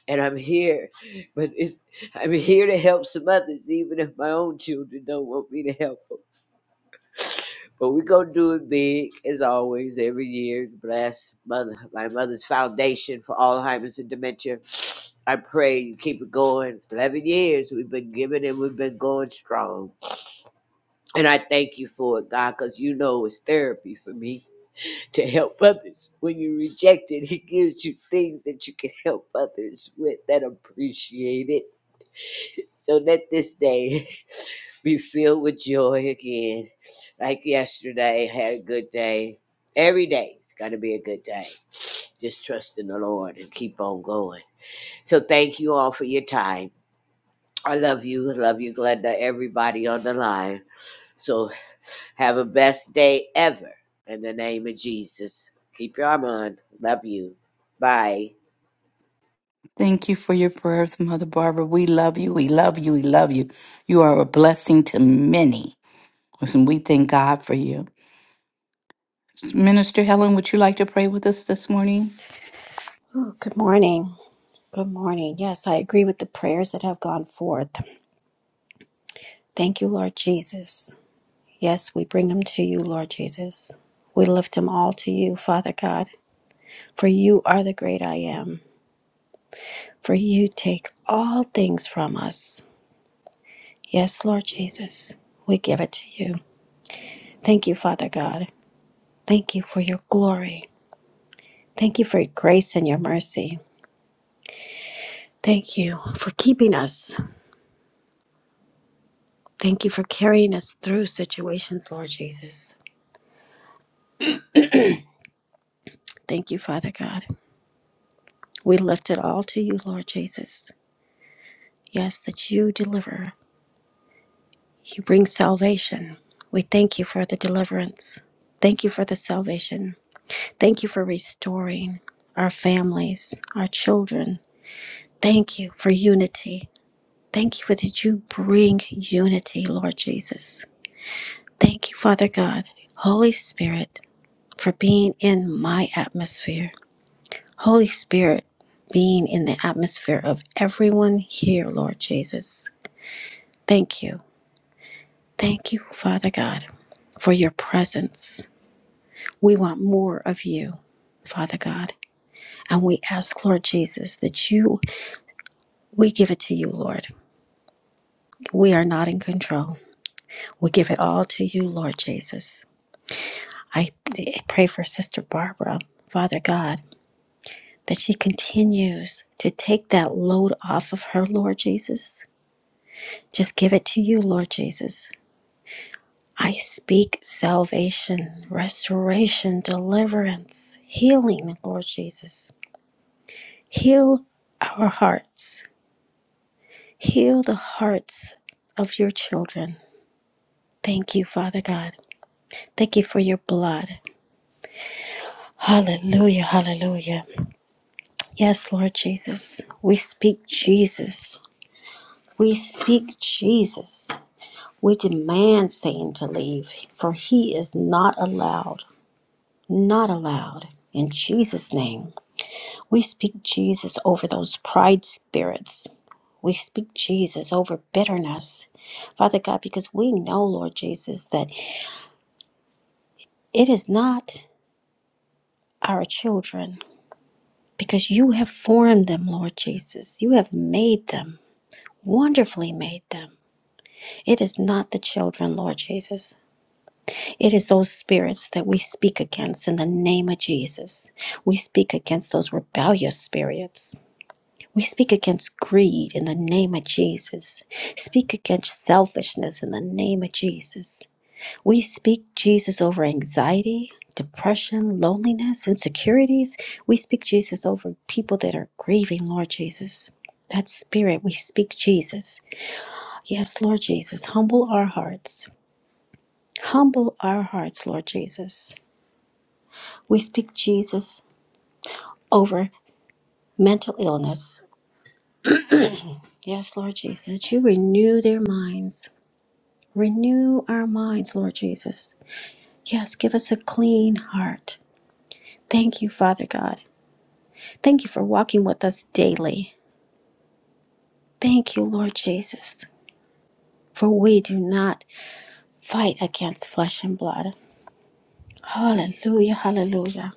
Speaker 4: And I'm here, but it's, I'm here to help some others, even if my own children don't want me to help them. But we gonna do it big as always every year. Bless mother, my mother's foundation for Alzheimer's and dementia I pray you keep it going. 11 years we've been giving and we've been going strong. And I thank you for it, God, because you know it's therapy for me to help others. When you reject it, He gives you things that you can help others with that appreciate it. So let this day be filled with joy again. Like yesterday, had a good day. Every day's got to be a good day. Just trust in the Lord and keep on going. So thank you all for your time. I love you. I Love you, Glenda. Everybody on the line. So have a best day ever. In the name of Jesus. Keep your arm on. Love you. Bye.
Speaker 1: Thank you for your prayers, Mother Barbara. We love you. We love you. We love you. You are a blessing to many. Listen, we thank God for you. Minister Helen, would you like to pray with us this morning?
Speaker 5: Oh, Good morning. Good morning. Yes, I agree with the prayers that have gone forth. Thank you, Lord Jesus. Yes, we bring them to you, Lord Jesus. We lift them all to you, Father God, for you are the great I am, for you take all things from us. Yes, Lord Jesus, we give it to you. Thank you, Father God. Thank you for your glory. Thank you for your grace and your mercy. Thank you for keeping us. Thank you for carrying us through situations, Lord Jesus. Thank you, Father God. We lift it all to you, Lord Jesus. Yes, that you deliver, you bring salvation. We thank you for the deliverance. Thank you for the salvation. Thank you for restoring our families, our children. Thank you for unity. Thank you for that you bring unity, Lord Jesus. Thank you, Father God, Holy Spirit, for being in my atmosphere. Holy Spirit, being in the atmosphere of everyone here, Lord Jesus. Thank you. Thank you, Father God, for your presence. We want more of you, Father God. And we ask, Lord Jesus, that you, we give it to you, Lord. We are not in control. We give it all to you, Lord Jesus. I pray for Sister Barbara, Father God, that she continues to take that load off of her, Lord Jesus Just give it to you, Lord Jesus. I speak salvation, restoration, deliverance, healing, Lord Jesus. Heal our hearts. Heal the hearts of your children. Thank you, Father God. Thank you for your blood. Hallelujah, hallelujah. Yes, Lord Jesus. We speak Jesus. We speak Jesus. We demand Satan to leave, for he is not allowed. not allowed. In Jesus' name, we speak Jesus over those pride spirits. We speak Jesus over bitterness, Father God, because we know, Lord Jesus, that it is not our children, because you have formed them, Lord Jesus. You have made them, wonderfully made them. It is not the children, Lord Jesus. It is those spirits that we speak against in the name of Jesus. We speak against those rebellious spirits. We speak against greed in the name of Jesus. Speak against selfishness in the name of Jesus. We speak Jesus over anxiety, depression, loneliness, insecurities. We speak Jesus over people that are grieving, Lord Jesus. That spirit, we speak Jesus. Yes, Lord Jesus, humble our hearts. Humble our hearts, Lord Jesus. We speak Jesus over mental illness. Yes, Lord Jesus, that you renew their minds. Renew our minds, Lord Jesus. Yes, give us a clean heart. Thank you, Father God. Thank you for walking with us daily. Thank you, Lord Jesus, for we do not fight against flesh and blood. Hallelujah, hallelujah.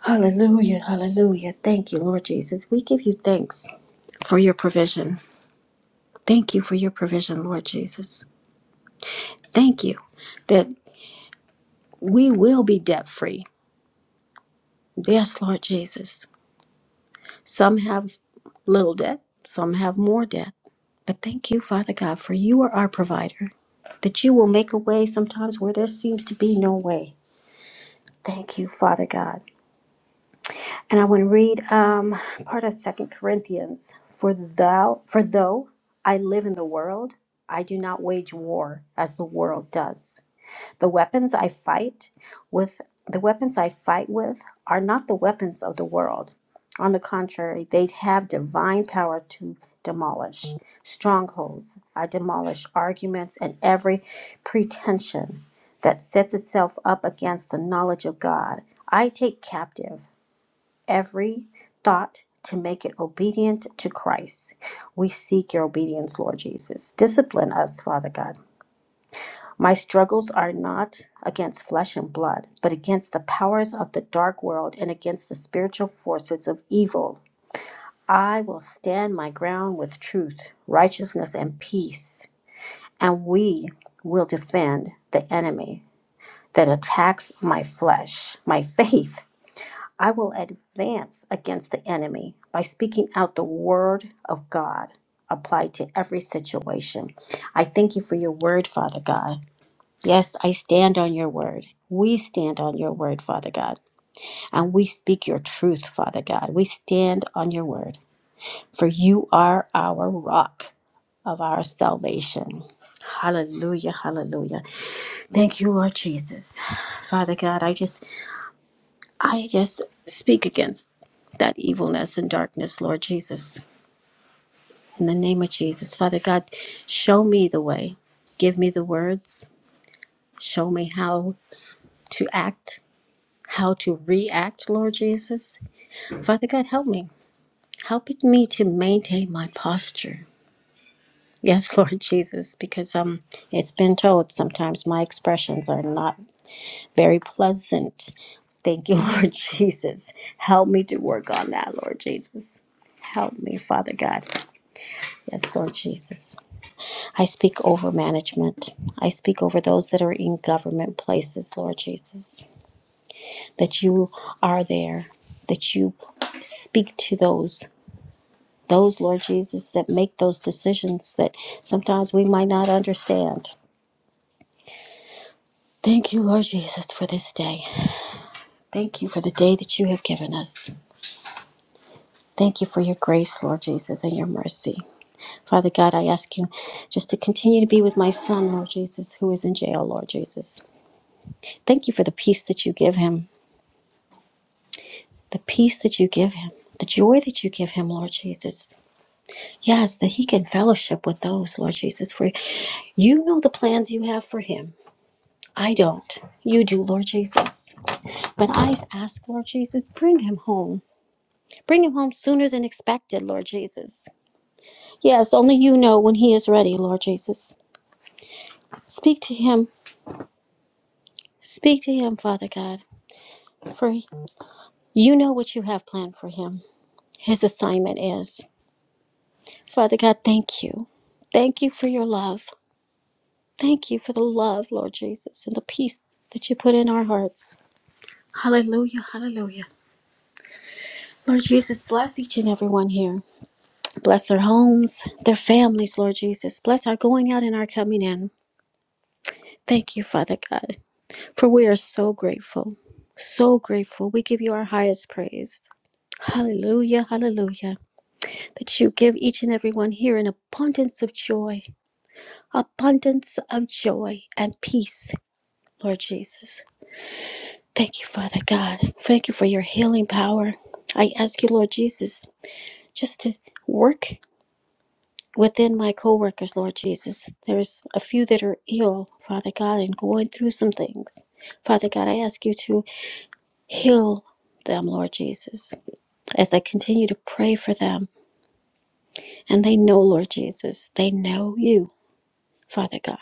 Speaker 5: Hallelujah, hallelujah. Thank you, Lord Jesus. We give you thanks for your provision. Thank you for your provision, Lord Jesus. Thank you that we will be debt free. Yes, Lord Jesus. Some have little debt, some have more debt. But thank you, Father God, for you are our provider, that you will make a way sometimes where there seems to be no way. Thank you, Father God. And I want to read um, part of Second Corinthians. For thou, for though I live in the world, I do not wage war as the world does. The weapons I fight with, the weapons I fight with are not the weapons of the world. On the contrary, they have divine power to demolish strongholds. I demolish arguments and every pretension that sets itself up against the knowledge of God. I take captive every thought to make it obedient to Christ. We seek your obedience, Lord Jesus. Discipline us, Father God. My struggles are not against flesh and blood, but against the powers of the dark world and against the spiritual forces of evil. I will stand my ground with truth, righteousness, and peace, and we will defend the enemy that attacks my flesh, my faith. I will advance against the enemy by speaking out the word of God applied to every situation. I thank you for your word, Father God. Yes, I stand on your word. We stand on your word, Father God. And we speak your truth, Father God. We stand on your word, for you are our rock of our salvation. Hallelujah, hallelujah. Thank you, Lord Jesus. Father God, I just I just speak against that evilness and darkness, Lord Jesus. In the name of Jesus, Father God, show me the way. Give me the words. Show me how to act how to react, Lord Jesus. Father God, help me. Help me to maintain my posture. Yes, Lord Jesus, because um, it's been told sometimes my expressions are not very pleasant. Thank you, Lord Jesus. Help me to work on that, Lord Jesus. Help me, Father God. Yes, Lord Jesus. I speak over management. I speak over those that are in government places, Lord Jesus, that you are there, that you speak to those those, Lord Jesus, that make those decisions that sometimes we might not understand. Thank you, Lord Jesus, for this day. Thank you for the day that you have given us. Thank you for your grace, Lord Jesus, and your mercy. Father God, I ask you just to continue to be with my son, Lord Jesus, who is in jail, Lord Jesus. Thank you for the peace that you give him, the peace that you give him, the joy that you give him, Lord Jesus. Yes, that he can fellowship with those, Lord Jesus, for you know the plans you have for him I don't. You do, Lord Jesus. But I ask, Lord Jesus, bring him home. Bring him home sooner than expected, Lord Jesus. Yes, only you know when he is ready, Lord Jesus. Speak to him. Speak to him, Father God, for you know what you have planned for him. His assignment is. Father God, thank you. Thank you for your love. Thank you for the love, Lord Jesus, and the peace that you put in our hearts. Hallelujah, hallelujah. Lord Jesus, bless each and every one here. Bless their homes, their families, Lord Jesus. Bless our going out and our coming in. Thank you, Father God, for we are so grateful. So grateful. We give you our highest praise. Hallelujah, hallelujah. That you give each and every one here an abundance of joy, abundance of joy and peace, Lord Jesus. Thank you, Father God. Thank you for your healing power. I ask you, Lord Jesus, just to work within my coworkers, Lord Jesus. There's a few that are ill, Father God, and going through some things. Father God, I ask you to heal them, Lord Jesus, as I continue to pray for them. And they know, Lord Jesus, they know you, Father God.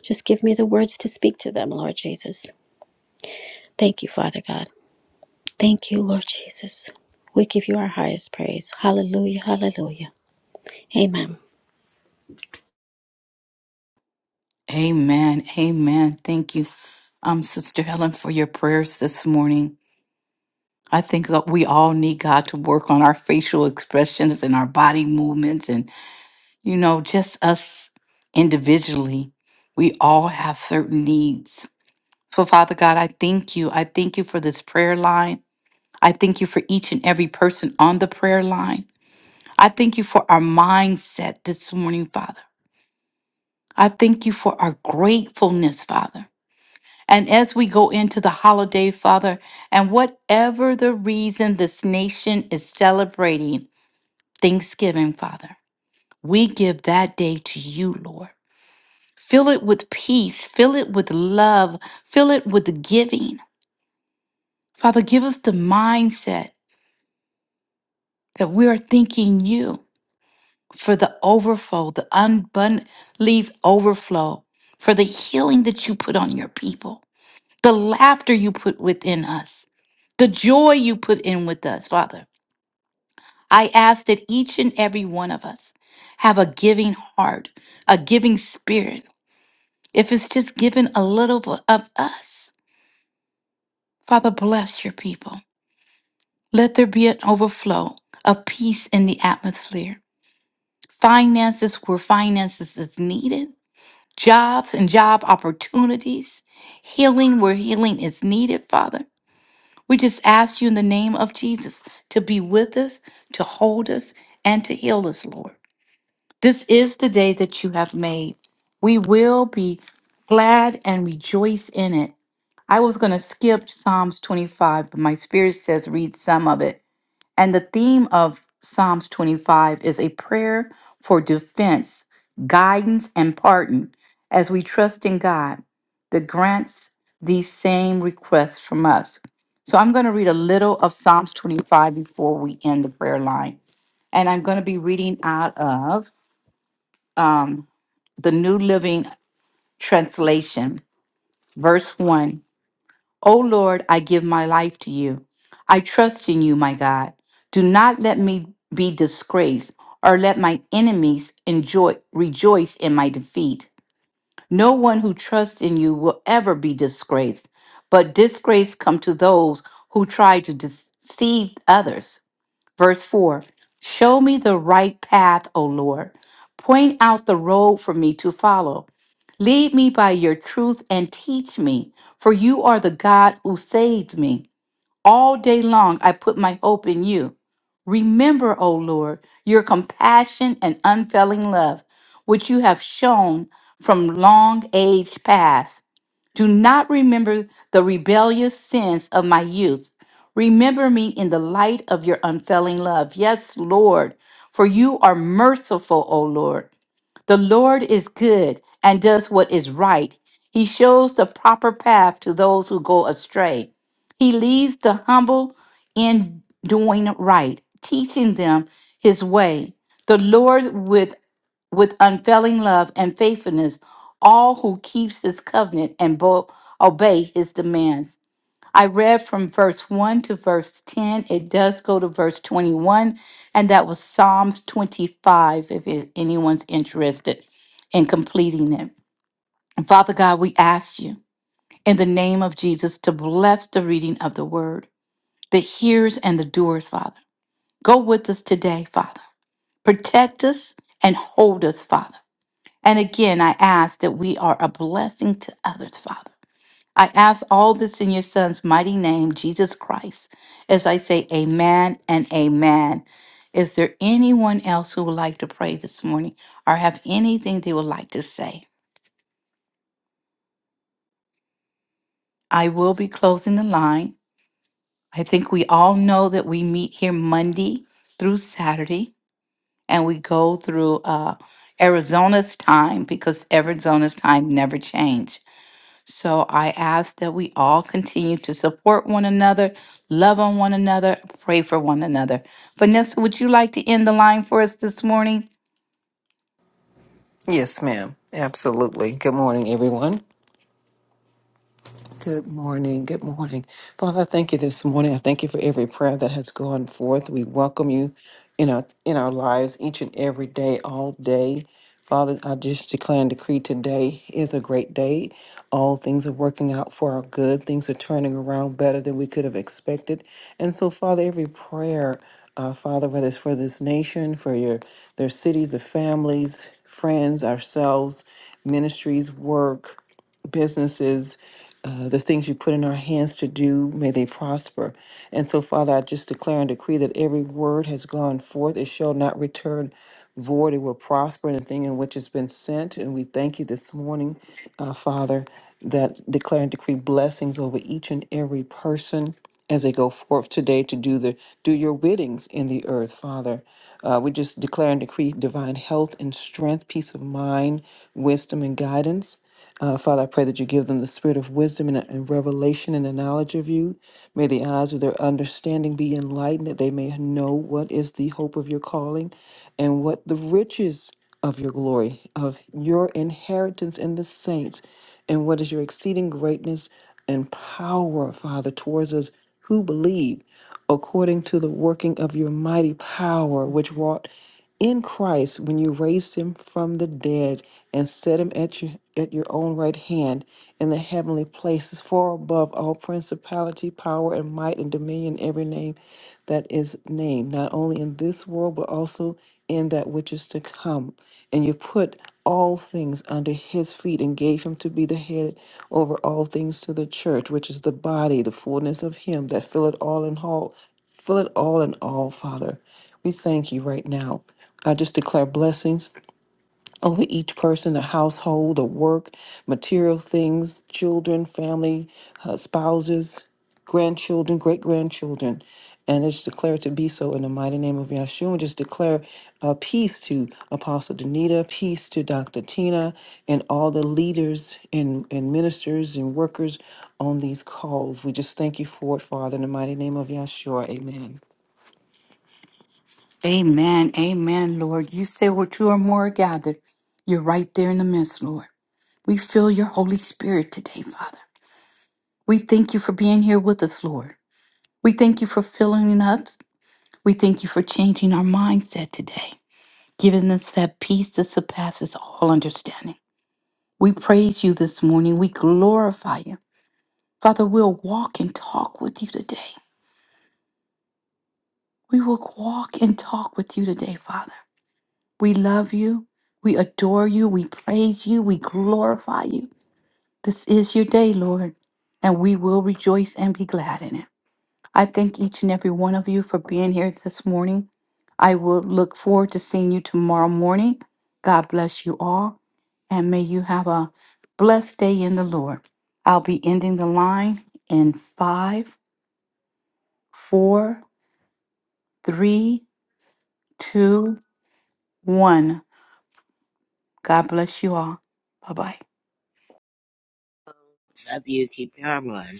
Speaker 5: Just give me the words to speak to them, Lord Jesus. Thank you, Father God. Thank you, Lord Jesus. We give you our highest praise. Hallelujah, hallelujah. Amen.
Speaker 1: Amen. Amen. Thank you, um, Sister Helen, for your prayers this morning. I think that we all need God to work on our facial expressions and our body movements and. You know, just us individually, we all have certain needs. So, Father God, I thank you. I thank you for this prayer line. I thank you for each and every person on the prayer line. I thank you for our mindset this morning, Father. I thank you for our gratefulness, Father. And as we go into the holiday, Father, and whatever the reason this nation is celebrating Thanksgiving, Father, we give that day to you, Lord. Fill it with peace. Fill it with love. Fill it with giving. Father, give us the mindset that we are thinking you for the overflow, the unbelief overflow, for the healing that you put on your people, the laughter you put within us, the joy you put in with us, Father. I ask that each and every one of us have a giving heart, a giving spirit. If it's just given a little of us, Father, bless your people. Let there be an overflow of peace in the atmosphere. Finances where finances is needed, jobs and job opportunities, healing where healing is needed, Father. We just ask you in the name of Jesus to be with us, to hold us, and to heal us, Lord. This is the day that you have made. We will be glad and rejoice in it. I was going to skip Psalms 25, but my spirit says read some of it and the theme of Psalms 25 is a prayer for defense, guidance, and pardon as we trust in God that grants these same requests from us. So I'm going to read a little of Psalms 25 before we end the prayer line. And I'm going to be reading out of um, the New Living Translation, verse 1. O Lord, I give my life to you. I trust in you, my God. Do not let me be disgraced or let my enemies enjoy rejoice in my defeat. No one who trusts in you will ever be disgraced, but disgrace come to those who try to deceive others. Verse 4. Show me the right path, O Lord. Point out the road for me to follow. Lead me by your truth and teach me, for you are the God who saved me. All day long, I put my hope in you. Remember, O Lord, your compassion and unfailing love, which you have shown from long age past. Do not remember the rebellious sins of my youth. Remember me in the light of your unfailing love. Yes, Lord, for you are merciful, O Lord. The Lord is good and does what is right. He shows the proper path to those who go astray. He leads the humble in doing right, teaching them his way. The Lord with with unfailing love and faithfulness, all who keeps his covenant and bo- obey his demands. I read from verse 1 to verse 10. It does go to verse 21, and that was Psalms 25, if it- anyone's interested in completing it. And Father God, we ask you in the name of Jesus to bless the reading of the word the hearers and the doers, Father. Go with us today, Father. Protect us and hold us, Father. And again, I ask that we are a blessing to others, Father. I ask all this in your Son's mighty name, Jesus Christ, as I say amen and amen. Is there anyone else who would like to pray this morning or have anything they would like to say? I will be closing the line. I think we all know that we meet here Monday through Saturday and we go through uh, Arizona's time because Arizona's time never changed. So I ask that we all continue to support one another, love on one another, pray for one another. Vanessa, would you like to end the line for us this morning?
Speaker 6: Yes, ma'am. Absolutely. Good morning, everyone. Good morning. Good morning. Father, I thank you this morning. I thank you for every prayer that has gone forth. We welcome you in our in our lives each and every day, all day. Father, I just declare and decree today is a great day. All things are working out for our good. Things are turning around better than we could have expected. And so, Father, every prayer, uh, Father, whether it's for this nation, for your their cities, their families, friends, ourselves, ministries, work businesses, uh, the things you put in our hands to do, may they prosper. And so, Father, I just declare and decree that every word has gone forth. It shall not return void. It will prosper in the thing in which it's been sent. And we thank you this morning, uh, Father, that declare and decree blessings over each and every person as they go forth today to do the do your wittings in the earth, Father. Uh, we just declare and decree divine health and strength, peace of mind, wisdom and guidance. Uh, Father, I pray that you give them the spirit of wisdom and, and revelation and the knowledge of you. May the eyes of their understanding be enlightened, that they may know what is the hope of your calling and what the riches of your glory, of your inheritance in the saints, and what is your exceeding greatness and power, Father, towards us who believe, according to the working of your mighty power, which wrought in Christ when you raised him from the dead and set him at your at your own right hand in the heavenly places far above all principality power and might and dominion every name that is named not only in this world but also in that which is to come and you put all things under his feet and gave him to be the head over all things to the church which is the body the fullness of him that filleth all in all fill it all in all father we thank you right now I just declare blessings over each person, the household, the work, material things, children, family, uh, spouses, grandchildren, great grandchildren. And I just declare it to be so in the mighty name of Yahshua. And just declare uh, peace to Apostle Danita, peace to Dr. Tina, and all the leaders and, and ministers and workers on these calls. We just thank you for it, Father, in the mighty name of Yahshua. Amen.
Speaker 1: Amen. Amen, Lord. You say where two or more are gathered, you're right there in the midst, Lord. We feel your Holy Spirit today, Father. We thank you for being here with us, Lord. We thank you for filling us. We thank you for changing our mindset today, giving us that peace that surpasses all understanding. We praise you this morning. We glorify you. Father, we'll walk and talk with you today. We will walk and talk with you today, Father. We love you. We adore you. We praise you. We glorify you. This is your day, Lord, and we will rejoice and be glad in it. I thank each and every one of you for being here this morning. I will look forward to seeing you tomorrow morning. God bless you all, and may you have a blessed day in the Lord. I'll be ending the line in five, four, three, two, one. God bless you all. Bye bye.
Speaker 4: Love you. Keep your arm on.